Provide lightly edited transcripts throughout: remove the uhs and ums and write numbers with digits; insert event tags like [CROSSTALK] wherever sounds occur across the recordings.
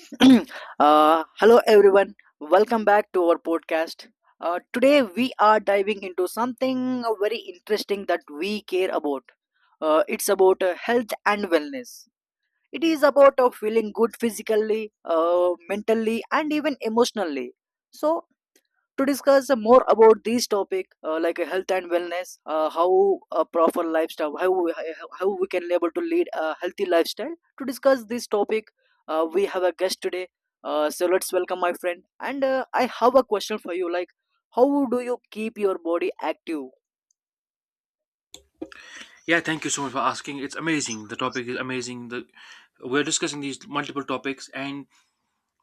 [CLEARS THROAT] Hello everyone, welcome back to our podcast. Today we are diving into something very interesting that we care about. It's about health and wellness. It is about feeling good physically, mentally and even emotionally. So to discuss more about this topic, like health and wellness, how a proper lifestyle, how we can able to lead a healthy lifestyle. To discuss this topic, we have a guest today. So let's welcome my friend, and I have a question for you, like, how do you keep your body active? Yeah, thank you so much for asking. It's amazing. The topic is amazing. The we're discussing these multiple topics, and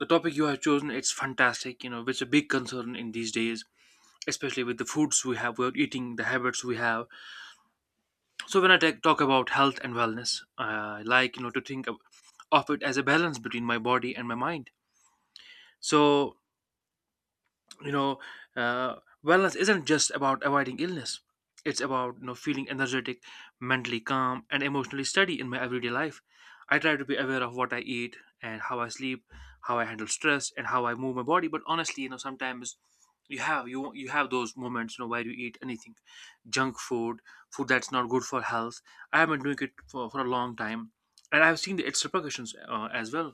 the topic you have chosen it's fantastic. You know, which is a big concern in these days, especially with the foods we're eating, the habits we have. So when I talk about health and wellness, I like you know to of it as a balance between my body and my mind. So you know uh, Wellness isn't just about avoiding illness, it's about you know feeling energetic, mentally calm, and emotionally steady in my everyday life. I try to be aware of what I eat and how I sleep, how I handle stress, and how I move my body. But honestly, you know, sometimes you have those moments, you know, where you eat anything. Junk food, food that's not good for health. I have been doing it for a long time, and I've seen the its repercussions as well.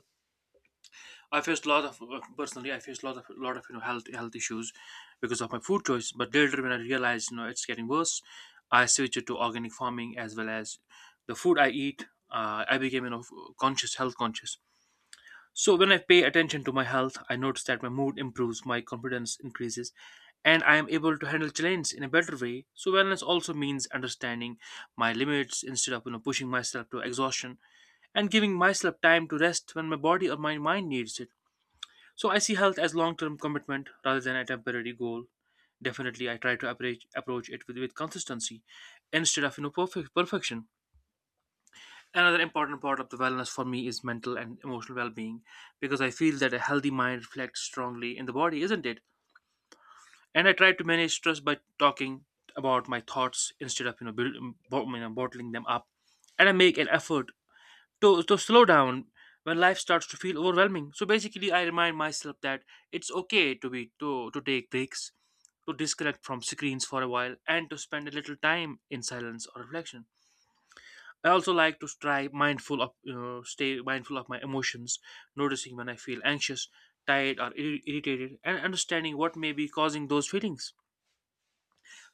I faced a lot of personally. I faced a lot of you know health issues because of my food choice. But later, when I realized you know it's getting worse, I switched to organic farming as well as the food I eat. I became you know conscious, health conscious. So when I pay attention to my health, I notice that my mood improves, my confidence increases, and I am able to handle challenges in a better way. So wellness also means understanding my limits instead of you know pushing myself to exhaustion, and giving myself time to rest when my body or my mind needs it. So I see health as long-term commitment rather than a temporary goal. Definitely, I try to approach it with consistency instead of you know perfection. Another important part of the wellness for me is mental and emotional well-being, because I feel that a healthy mind reflects strongly in the body, isn't it? And I try to manage stress by talking about my thoughts instead of you know, you know bottling them up, and I make an effort to slow down when life starts to feel overwhelming. So basically I remind myself that it's okay to take breaks, to disconnect from screens for a while, and to spend a little time in silence or reflection. I also like to try mindful of you know stay mindful of my emotions, noticing when I feel anxious, tired, or irritated, and understanding what may be causing those feelings.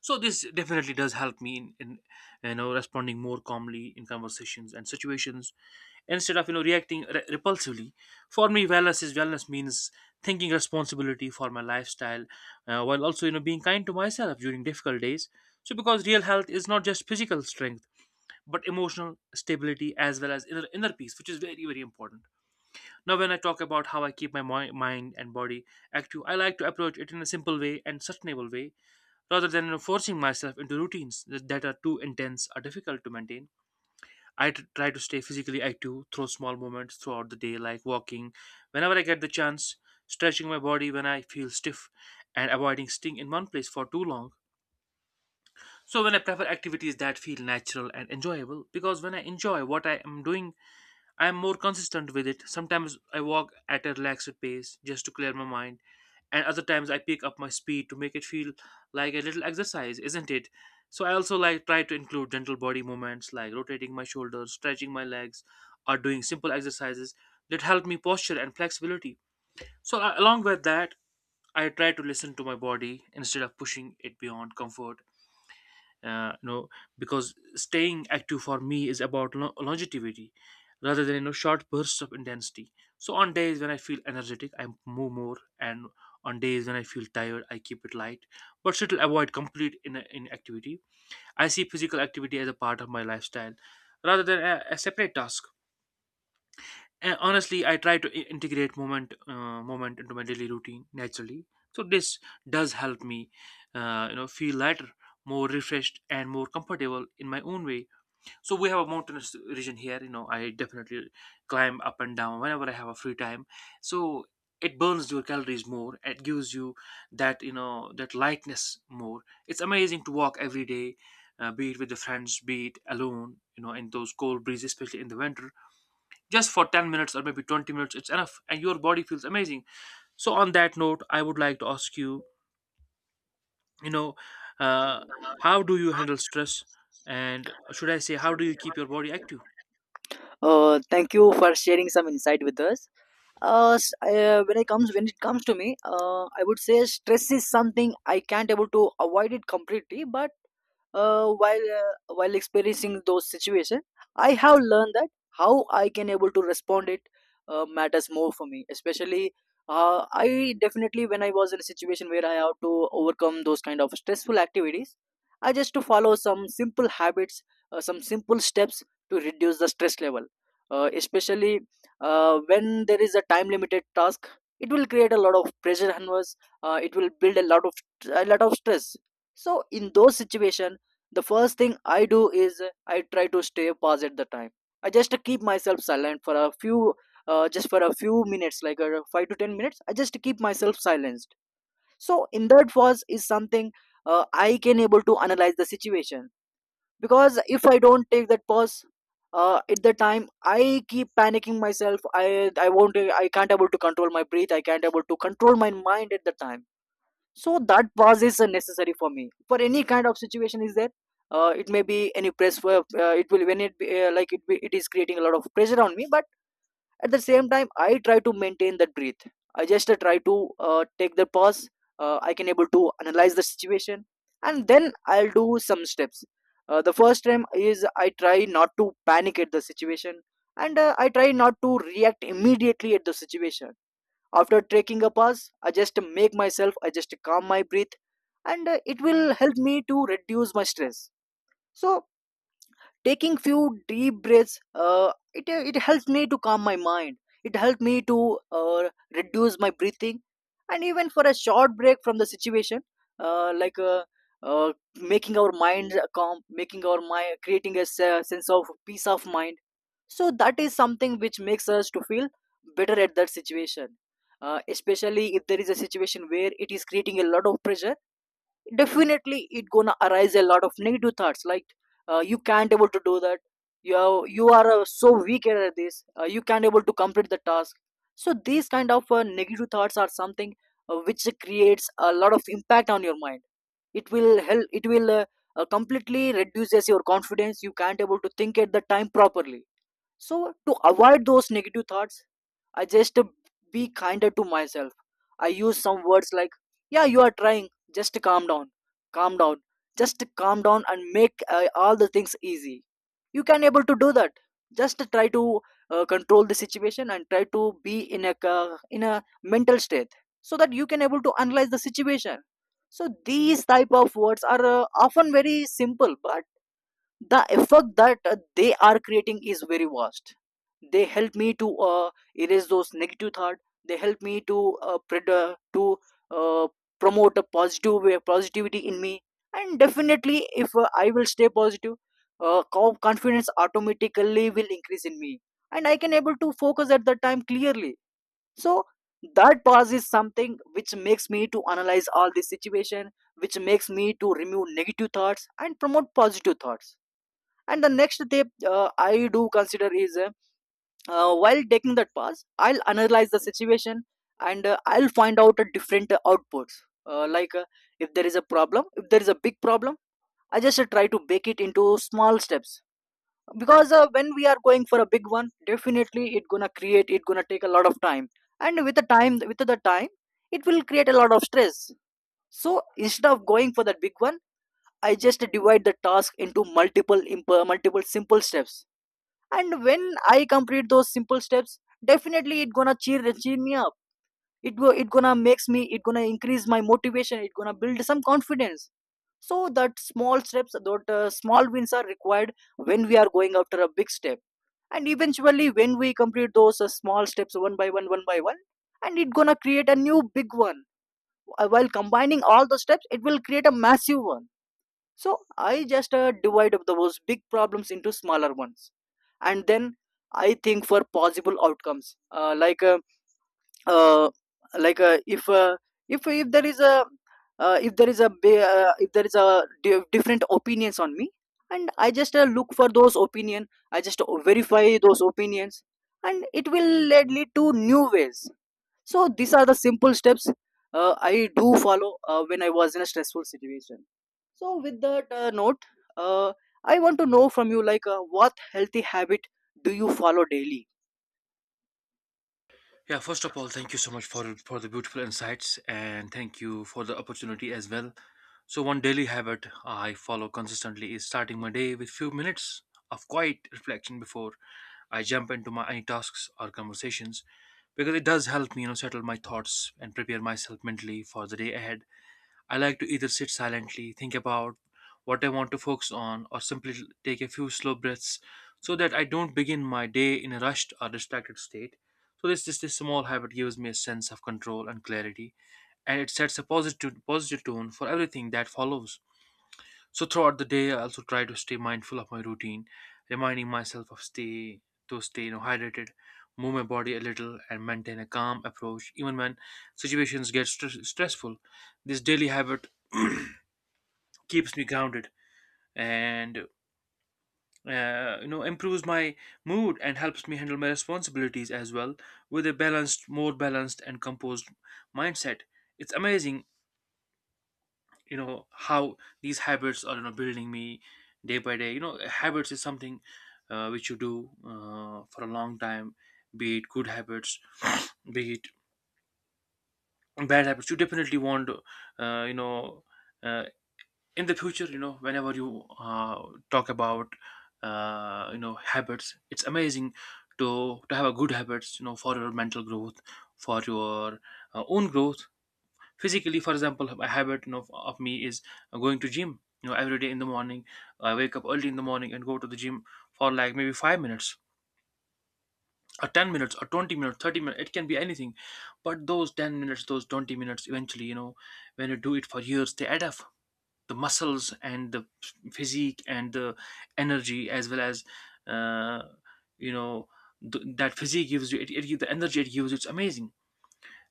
So this definitely does help me in you know responding more calmly in conversations and situations, instead of you know reacting repulsively. For me wellness means thinking responsibility for my lifestyle, while also you know being kind to myself during difficult days. So because real health is not just physical strength, but emotional stability as well as inner peace, which is very important. Now when I talk about how I keep my mind and body active, I like to approach it in a simple way and sustainable way. Rather than forcing myself into routines that are too intense or difficult to maintain, I try to stay physically active through small movements throughout the day, like walking whenever I get the chance, stretching my body when I feel stiff, and avoiding staying in one place for too long. So, when I prefer activities that feel natural and enjoyable, because when I enjoy what I am doing, I am more consistent with it. Sometimes I walk at a relaxed pace just to clear my mind, and other times I pick up my speed to make it feel like a little exercise, isn't it? So I also like try to include gentle body movements like rotating my shoulders, stretching my legs, or doing simple exercises that help me posture and flexibility. So along with that, I try to listen to my body instead of pushing it beyond comfort, you know, because staying active for me is about longevity rather than you know short bursts of intensity. So on days when I feel energetic I move more, and on days when I feel tired I keep it light but still avoid complete inactivity. I see physical activity as a part of my lifestyle rather than a separate task. And honestly, I try to integrate moment into my daily routine naturally. So this does help me you know feel lighter, more refreshed, and more comfortable in my own way. So we have a mountainous region here, you know, I definitely climb up and down whenever I have a free time. So it burns your calories more, it gives you that you know that lightness more. It's amazing to walk every day, be it with the friends, be it alone, you know, in those cold breezes, especially in the winter. Just for 10 minutes or maybe 20 minutes, it's enough and your body feels amazing. So on that note I would like to ask you, you know, uh, how do you handle stress? And should I say, how do you keep your body active? Thank you for sharing some insight with us. When it comes to me, I would say stress is something I can't able to avoid it completely, but while experiencing those situations, I have learned that how I can able to respond it matters more for me. Especially I definitely, when I was in a situation where I have to overcome those kind of stressful activities, I just to follow some simple habits, some simple steps to reduce the stress level. Especially when there is a time limited task, it will create a lot of pressure on us. It will build a lot of stress. So in those situation, the first thing I do is I try to stay pause at the time. I just keep myself silent for a few, just for a few minutes, like 5 to 10 minutes. I just keep myself silenced. So in that, pause is something I can able to analyze the situation. Because if I don't take that pause at the time, I keep panicking myself. I won't, I can't able to control my breath, I can't able to control my mind at the time. So that pause is necessary for me. For any kind of situation is there, it may be any press for, it will, when it be, like it be, it is creating a lot of pressure on me, but at the same time I try to maintain that breath. I just try to take the pause. I can able to analyze the situation, and then I'll do some steps. The first time is I try not to panic at the situation, and I try not to react immediately at the situation. After taking a pause, I just make myself, I just calm my breath, and it will help me to reduce my stress. So taking few deep breaths, it helps me to calm my mind. It helped me to uh, reduce my breathing, and even for a short break from the situation, uh, like uh, uh, making our mind calm, making our mind creating a sense of peace of mind. So that is something which makes us to feel better at that situation. Especially if there is a situation where it is creating a lot of pressure, definitely it gonna arise a lot of negative thoughts, like you can't able to do that, you are so weak at this, you can't able to complete the task. So these kind of negative thoughts are something which creates a lot of impact on your mind. It will help it will uh, uh, completely reduces your confidence. You can't able to think at the time properly. So, to avoid those negative thoughts, I just be kinder to myself. I use some words like, yeah, you are trying, just calm down, just calm down, and make all the things easy. You can able to do that. Just try to control the situation and try to be in a in a mental state so that you can able to analyze the situation. So these type of words are often very simple, but the effect that they are creating is very vast. They help me to erase those negative thought. They help me to to uh, promote a positive way, positivity in me. And definitely if I will stay positive, confidence automatically will increase in me, and I can able to focus at that time clearly. So that pause is something which makes me to analyze all this situation, which makes me to remove negative thoughts and promote positive thoughts. And the next step I do consider is while taking that pass, I'll analyze the situation, and I'll find out a different outputs. Uh, like If there is a problem if there is a big problem I just try to bake it into small steps because when we are going for a big one definitely it gonna create it gonna take a lot of time and with the time it will create a lot of stress so instead of going for that big one I just divide the task into multiple imp- multiple simple steps and when I complete those simple steps definitely it gonna cheer cheer me up it go it gonna makes me it gonna increase my motivation it gonna build some confidence so that small steps that small wins are required when we are going after a big step and eventually when we complete those small steps one by one and it gonna create a new big one while combining all the steps it will create a massive one so I just divide up those big problems into smaller ones, and then I think for possible outcomes. Like uh, if if there is a if there is a if there is a different opinions on me, and I just look for those opinion. I just verify those opinions, and it will lead to new ways. So these are the simple steps I do follow when I was in a stressful situation. So with that note, uh, I want to know from you, like, what healthy habit do you follow daily? Yeah, first of all thank you so much for the beautiful insights, and thank you for the opportunity as well. So one daily habit I follow consistently is starting my day with few minutes of quiet reflection before I jump into my any tasks or conversations, because it does help me you know settle my thoughts and prepare myself mentally for the day ahead. I like to either sit silently, think about what I want to focus on, or simply take a few slow breaths, so that I don't begin my day in a rushed or distracted state. So this small habit gives me a sense of control and clarity, and it sets a positive tone for everything that follows. So throughout the day, I also try to stay mindful of my routine, reminding myself of stay to stay you know hydrated, move my body a little, and maintain a calm approach even when situations get stressful. This daily habit [CLEARS THROAT] keeps me grounded, and you know improves my mood and helps me handle my responsibilities as well with a more balanced and composed mindset. It's amazing you know how these habits are you know building me day by day. You know, habits is something which you do for a long time. Be it good habits, be it bad habits, you definitely want you know uh, in the future, you know, whenever you talk about you know habits, it's amazing to have a good habits, you know, for your mental growth, for your own growth physically. For example, a habit you know of me is going to gym, you know, every day in the morning. I wake up early in the morning and go to the gym for like maybe 5 minutes or 10 minutes or 20 minutes, 30 minutes, it can be anything. But those 10 minutes, those 20 minutes eventually, you know, when you do it for years, they add up. The muscles and the physique and the energy, as well as uh, you know, that physique gives you, the energy it gives you, it's amazing.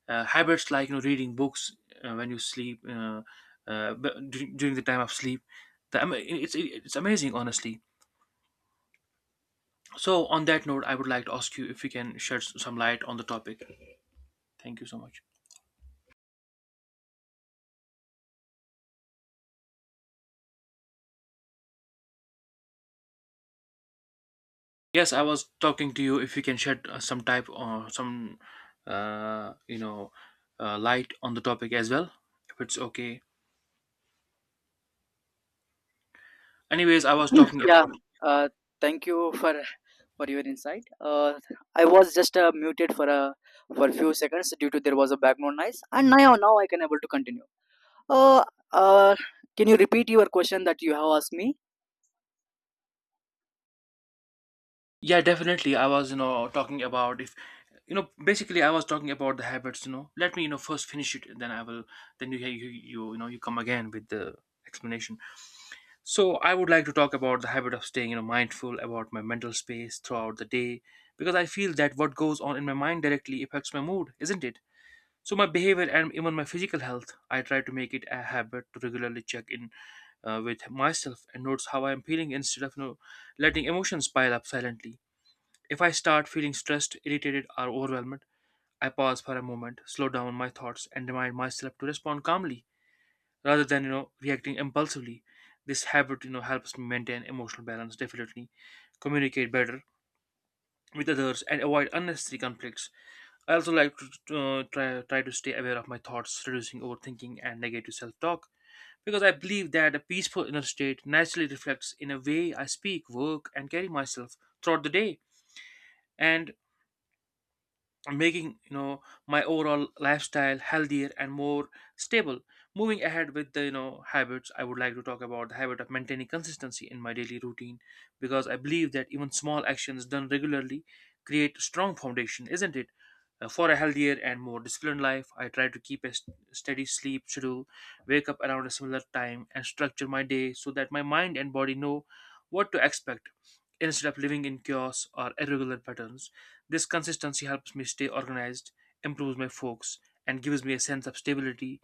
Habits like you know reading books, when you sleep but dur- during the time of sleep, it's amazing honestly. So on that note I would like to ask you if you can shed some light on the topic. Thank you so much. Yes, I was talking to you, if you can shed some type or some you know light on the topic as well, if it's okay. Anyways, I was talking Yeah, about, uh, thank you for your insight. I was just muted for a few seconds due to there was a background noise, and now I can able to continue. Uh, uh, can you repeat your question that you have asked me? yeah definitely, I was you know talking about, if you know, basically I was talking about the habits, you know. Let me you know first finish it, and then I will, then you know, you come again with the explanation. So I would like to talk about the habit of staying you know mindful about my mental space throughout the day, because I feel that what goes on in my mind directly affects my mood, isn't it? So my behavior, and even my physical health. I try to make it a habit to regularly check in with myself and notice how I am feeling, instead of you know letting emotions pile up silently. If I start feeling stressed, irritated, or overwhelmed, I pause for a moment, slow down my thoughts, and remind myself to respond calmly rather than you know reacting impulsively. This habit you know helps me maintain emotional balance, definitely communicate better with others, and avoid unnecessary conflicts. I also like to try to stay aware of my thoughts, reducing overthinking and negative self-talk. Because I believe that a peaceful inner state naturally reflects in a way I speak, work, and carry myself throughout the day. And making my overall lifestyle healthier and more stable. Moving ahead with the habits, I would like to talk about the habit of maintaining consistency in my daily routine, because I believe that even small actions done regularly create strong foundation, isn't it? For a healthier and more disciplined life, I try to keep a steady sleep schedule, wake up around a similar time, and structure my day so that my mind and body know what to expect instead of living in chaos or irregular patterns. This consistency helps me stay organized, improves my focus, and gives me a sense of stability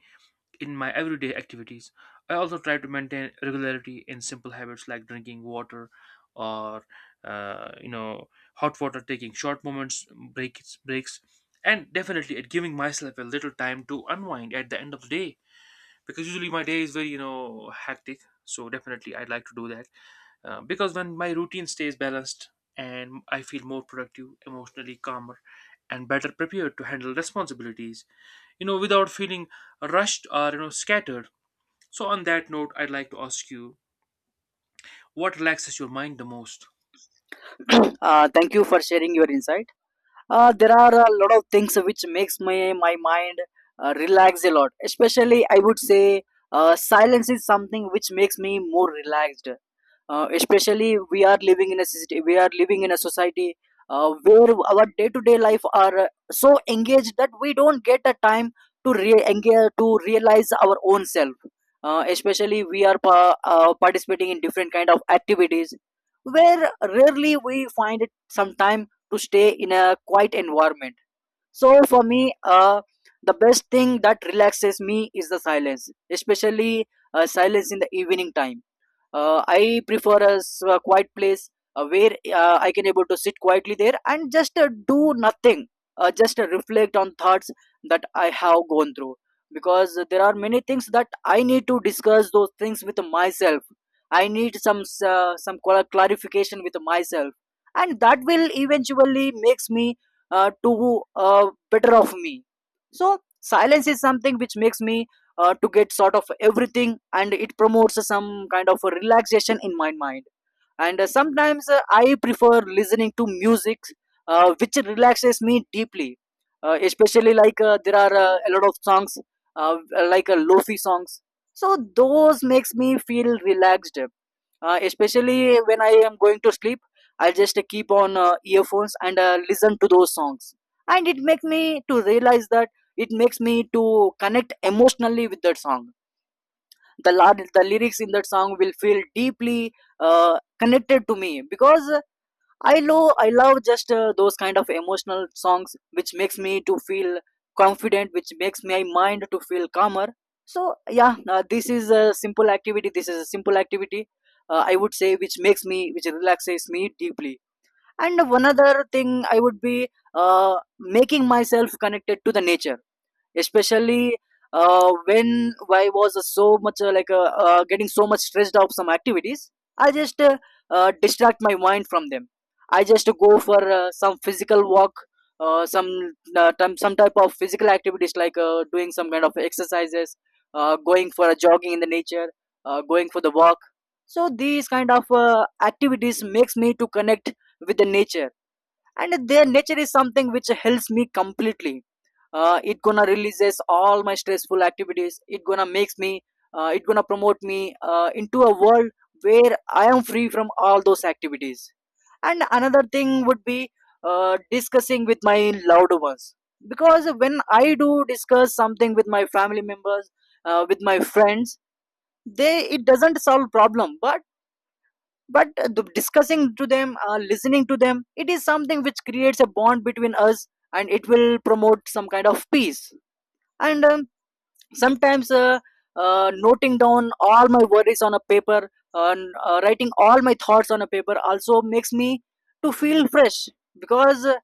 in my everyday activities. I also try to maintain regularity in simple habits like drinking water or uh, you know hot water, taking short moments, breaks, and definitely at giving myself a little time to unwind at the end of the day, because usually my day is very hectic. So definitely I'd like to do that, because when my routine stays balanced, and I feel more productive, emotionally calmer, and better prepared to handle responsibilities, you know, without feeling rushed or scattered. So on that note, I'd like to ask you, what relaxes your mind the most? [CLEARS THROAT] Thank you for sharing your insight. There are a lot of things which makes my mind relax a lot. Especially I would say silence is something which makes me more relaxed. Especially we are living in a society, we are living in a society where our day to day life are so engaged that we don't get a time to engage, to realize our own self. Especially we are participating in different kind of activities where rarely we find it some time to stay in a quiet environment. So for me, the best thing that relaxes me is the silence. Especially silence in the evening time. I prefer a a quiet place where I can able to sit quietly there and just do nothing. Just reflect on thoughts that I have gone through. Because there are many things that I need to discuss those things with myself. I need some some clarification with myself, and that will eventually makes me to uh, better of me. So silence is something which makes me to get sort of everything, and it promotes some kind of a relaxation in my mind. And sometimes I prefer listening to music which relaxes me deeply. Especially like there are a lot of songs, uh, like lofi songs. So those makes me feel relaxed. Especially when I am going to sleep, I just keep on earphones and listen to those songs, and it makes me to realize that it makes me to connect emotionally with that song. The lyrics in that song will feel deeply uh, connected to me. Because I love just those kind of emotional songs which makes me to feel confident, which makes my mind to feel calmer. So yeah, this is a simple activity. This is a simple activity. I would say which makes me which relaxes me deeply. And one other thing I would be making myself connected to the nature. Especially when I was so much getting so much stressed out some activities, I just distract my mind from them. I just go for some physical walk, some time, some type of physical activities like doing some kind of exercises, going for a jogging in the nature, going for the walk. So these kind of activities makes me to connect with the nature, and their nature is something which helps me completely. It gonna releases all my stressful activities. It gonna makes me, it gonna promote me into a world where I am free from all those activities. And another thing would be discussing with my loved ones, because when I do discuss something with my family members, with my friends, they, it doesn't solve problem, but the discussing to them, listening to them, it is something which creates a bond between us, and it will promote some kind of peace. And sometimes, noting down all my worries on a paper, and writing all my thoughts on a paper also makes me to feel fresh. Because uh,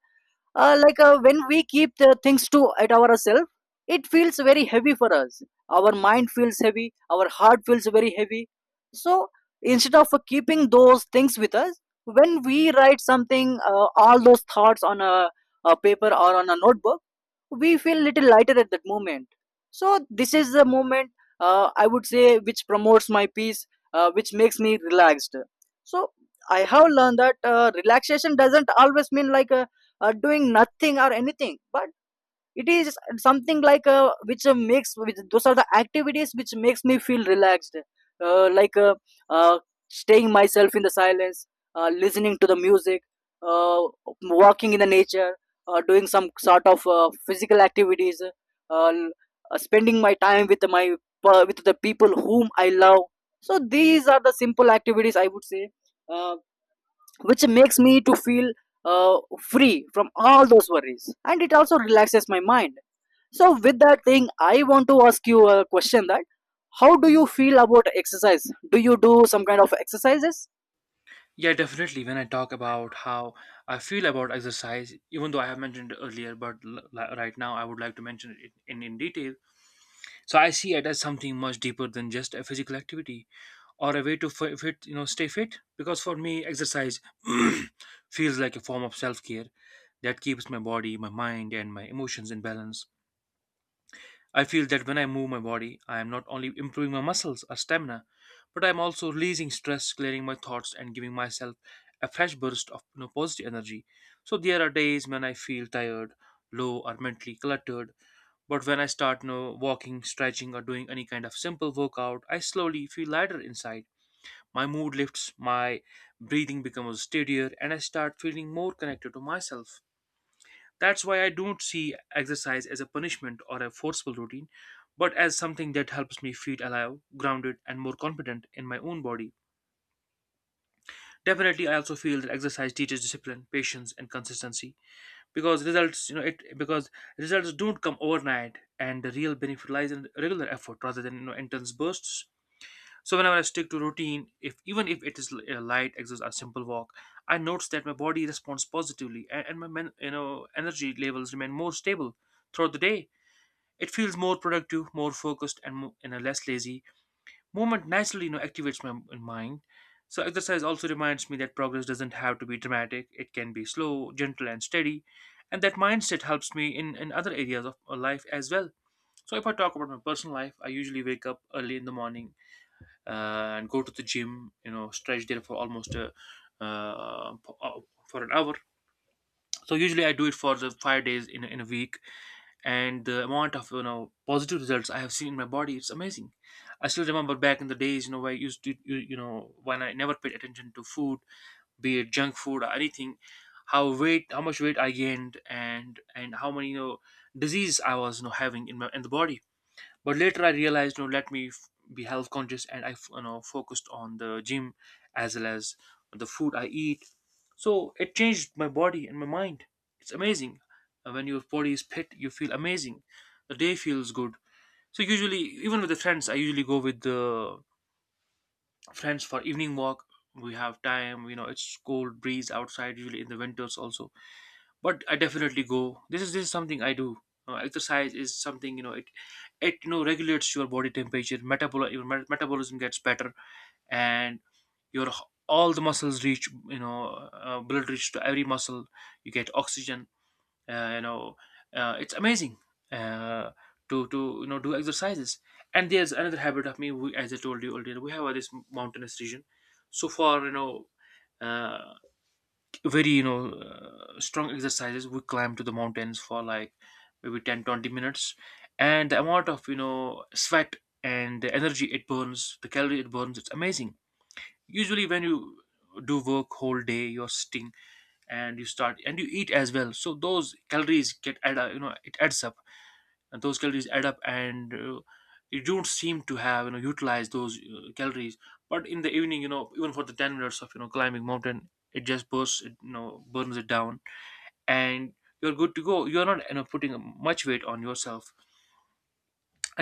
uh, like uh, when we keep the things to at ourselves, it feels very heavy for us. Our mind feels heavy, our heart feels very heavy. So instead of keeping those things with us, when we write something, all those thoughts on a paper or on a notebook, we feel little lighter at that moment. So this is the moment, I would say, which promotes my peace, which makes me relaxed. So I have learned that relaxation doesn't always mean like doing nothing or anything, but it is something like those are the activities which makes me feel relaxed. Uh, like uh, Staying myself in the silence, listening to the music, uh, walking in the nature, doing some sort of physical activities, spending my time with my, with the people whom I love. So these are the simple activities, I would say, uh, which makes me to feel uh, free from all those worries, and it also relaxes my mind. So with that thing I want to ask you a question, that how do you feel about exercise? Do you do some kind of exercises? Yeah, definitely. When I talk about how I feel about exercise, even though I have mentioned it earlier, but right now I would like to mention it in detail. So I see it as something much deeper than just a physical activity or a way to fit, you know, stay fit. Because for me, exercise [CLEARS THROAT] feels like a form of self care that keeps my body, my mind, and my emotions in balance. I feel that when I move my body, I am not only improving my muscles or stamina, but I am also releasing stress, clearing my thoughts, and giving myself a fresh burst of, you know, positive energy. So there are days when I feel tired, low, or mentally cluttered, but when I start no walking, stretching, or doing any kind of simple workout, I slowly feel lighter inside. My mood lifts, my breathing becomes steadier, and I start feeling more connected to myself. That's why I don't see exercise as a punishment or a forceful routine, but as something that helps me feel alive, grounded, and more confident in my own body. Definitely, I also feel that exercise teaches discipline, patience, and consistency. Because results you know it because results don't come overnight, and the real benefit lies in regular effort rather than, you know, intense bursts. So whenever I stick to routine, if even if it is a light exercise or simple walk, I notice that my body responds positively, and my you know, energy levels remain more stable throughout the day. It feels more productive, more focused, and more, you know, less lazy. Movement naturally, you know, activates my mind. So exercise also reminds me that progress doesn't have to be dramatic. It can be slow, gentle, and steady. And that mindset helps me in other areas of life as well. So if I talk about my personal life, I usually wake up early in the morning and go to the gym. You know, stretch there for almost uh, p- uh, for an hour. So usually I do it for the 5 days in a week, and the amount of, you know, positive results I have seen in my body, it's amazing. I still remember back in the days, you know, where I used to when I never paid attention to food, be it junk food or anything. How much weight I gained, and how many, you know, disease I was, you know, having in my in the body. But later I realized, you know, let me be health conscious, and I you know, focused on the gym as well as the food I eat. So it changed my body and my mind. It's amazing. When your body is fit, you feel amazing, the day feels good. So usually even with the friends, I usually go with the friends for evening walk. We have time, you know, it's cold breeze outside, usually in the winters also. But I definitely go. This is something I do. Exercise is something, you know, it you know, regulates your body temperature. Metabol Your metabolism gets better, and your all the muscles reach, you know, blood reach to every muscle. You get oxygen. Uh, you know it's amazing uh, to you know, do exercises. And there's another habit of me. We, as I told you earlier, we have this mountainous region. So for you know. Uh, very you know, strong exercises, we climb to the mountains for like maybe 10, 20 minutes, and the amount of, you know, sweat and the energy it burns, the calorie it burns, it's amazing. Usually when you do work whole day, you're sitting, and you eat as well, so those calories get add, you know, it adds up. And those calories add up, and you don't seem to have, you know, utilized those calories. But in the evening, you know, even for the 10 minutes of, you know, climbing mountain, it just bursts it, you know, burns it down. And you're good to go, you're not, you know, putting much weight on yourself.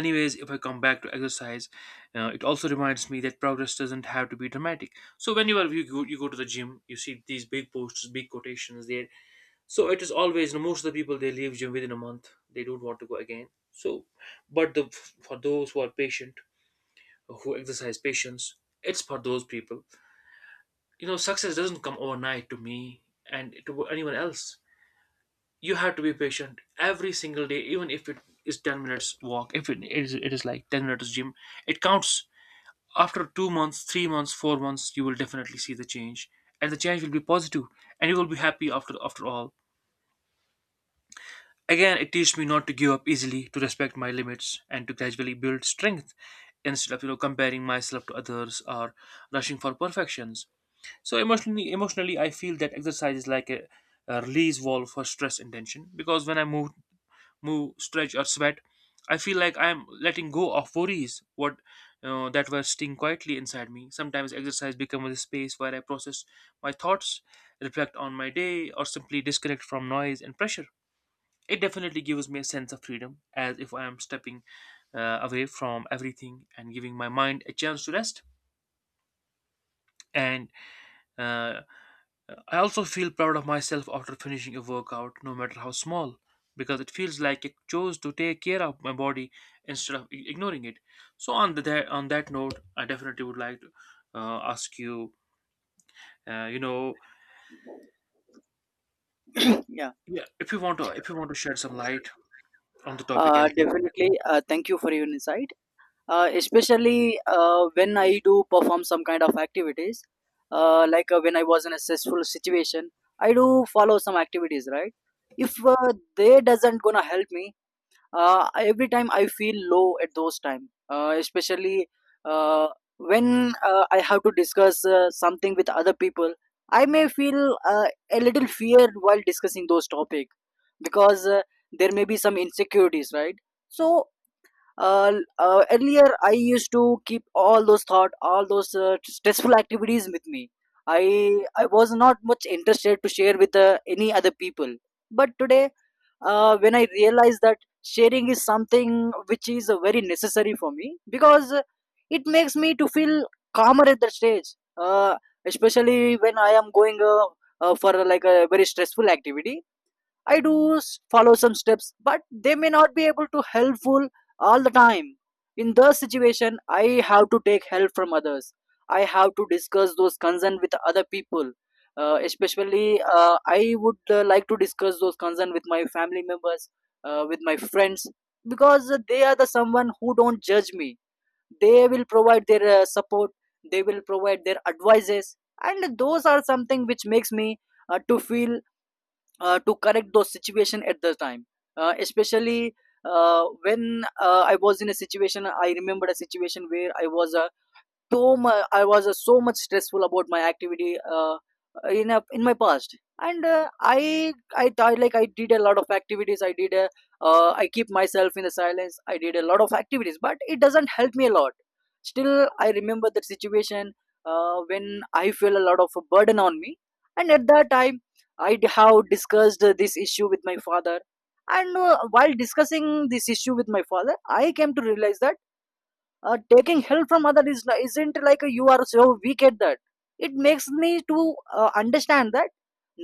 Anyways, if I come back to exercise, it also reminds me that progress doesn't have to be dramatic. So whenever you go to the gym, you see these big posters, big quotations there. So it is always, you know, most of the people, they leave gym within a month. They don't want to go again. So, but the, for those who are patient, who exercise patience, it's for those people. You know, success doesn't come overnight to me and to anyone else. You have to be patient every single day, even if it is 10 minutes walk. If it is, it is like 10 minutes gym. It counts. After 2 months, 3 months, 4 months, you will definitely see the change, and the change will be positive, and you will be happy after after all. Again, it teaches me not to give up easily, to respect my limits, and to gradually build strength instead of, you know, comparing myself to others or rushing for perfections. So emotionally, emotionally, I feel that exercise is like a release valve for stress and tension, because when I move, stretch, or sweat, I feel like I am letting go of worries what that were sitting quietly inside me. Sometimes exercise becomes a space where I process my thoughts, reflect on my day, or simply disconnect from noise and pressure. It definitely gives me a sense of freedom, as if I am stepping away from everything and giving my mind a chance to rest. And uh, I also feel proud of myself after finishing a workout, no matter how small, because it feels like I chose to take care of my body instead of ignoring it. So on the that on that note, I definitely would like to ask you, uh, you know, [CLEARS THROAT] Yeah, yeah, if you want to, if you want to shed some light on the topic as well. definitely, thank you for your insight. Especially when I do perform some kind of activities, when I was in a stressful situation, I do follow some activities, right? If they doesn't gonna help me, every time I feel low at those time. Especially uh, when I have to discuss something with other people, I may feel uh, a little fear while discussing those topic, because there may be some insecurities, right? So, uh, earlier I used to keep all those thought, all those stressful activities with me. I i was not much interested to share with any other people. But today, when I realized that sharing is something which is very necessary for me, because it makes me to feel calmer at that stage. uh, Especially when I am going for like a very stressful activity, I do follow some steps, but they may not be able to helpful all the time. In the situation, I have to take help from others. I have to discuss those concern with other people. Especially, I would like to discuss those concern with my family members, with my friends, because they are the someone who don't judge me. They will provide their support. They will provide their advices, and those are something which makes me to feel to correct those situation at the time. Especially when I was in a situation, I remembered a situation where I was so much I was so much stressful about my activity in my past. And I did a lot of activities. I keep myself in the silence. I did a lot of activities, but it doesn't help me a lot. Still I remember that situation, when I feel a lot of a burden on me. And at that time, I have discussed this issue with my father. And while discussing this issue with my father, I came to realize that taking help from other is isn't like a, you are so weak at that. It makes me to understand that,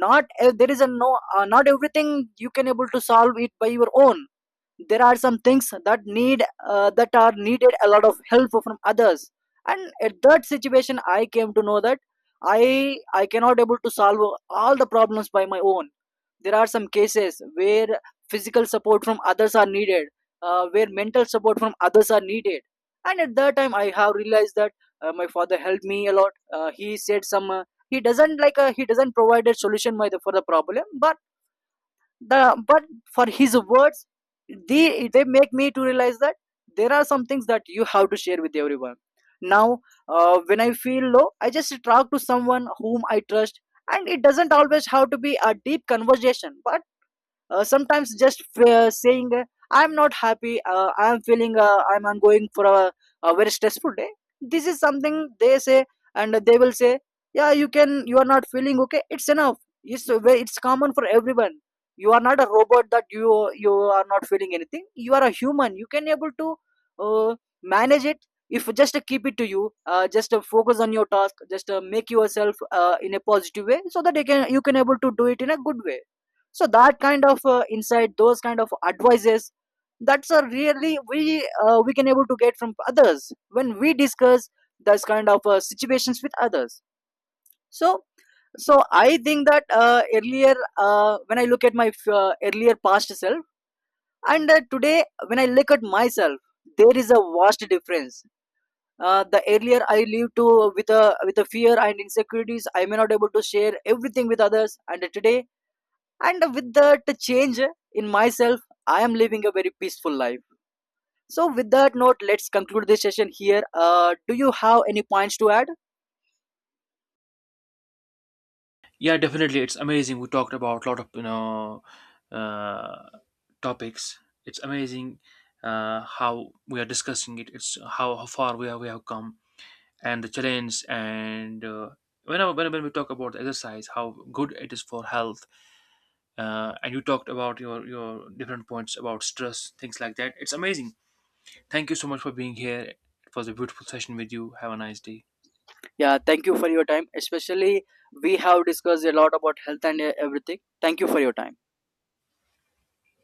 not there is a not everything you can able to solve it by your own. There are some things that need that are needed a lot of help from others. And at that situation I came to know that I cannot able to solve all the problems by my own. There are some cases where physical support from others are needed, where mental support from others are needed. And at that time, I have realized that my father helped me a lot. He said some. He doesn't provide a solution for the problem, but for his words, they make me to realize that there are some things that you have to share with everyone. Now, when I feel low, I just talk to someone whom I trust, and it doesn't always have to be a deep conversation, but sometimes just saying, I'm not happy, I'm feeling, I'm going for a very stressful day. This is something they say, and they will say, yeah, you can, you are not feeling okay, it's enough. It's a it's common for everyone. You are not a robot that you are not feeling anything. You are a human. You can able to uh, manage it. If just keep it to you, just focus on your task, just make yourself in a positive way, so that you can, you can able to do it in a good way. So that kind of insight, those kind of advices, that's a really, we can able to get from others when we discuss those kind of situations with others. So so I think that earlier, when I look at my earlier past self, and today when I look at myself, there is a vast difference. The earlier I lived to with a, with a fear and insecurities, I may not able to share everything with others. And today, and with that change in myself, I am living a very peaceful life. So with that note, let's conclude this session here. Do you have any points to add? Yeah, definitely, it's amazing. We talked about a lot of, you know, uh, topics. It's amazing how we are discussing it. It's how far we are, we have come, and the challenge, and whenever when we talk about exercise, how good it is for health. And you talked about your different points about stress, things like that. It's amazing. Thank you so much for being here. It was a beautiful session with you. Have a nice day. Yeah, thank you for your time. Especially we have discussed a lot about health and everything. Thank you for your time.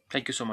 Thank you so much.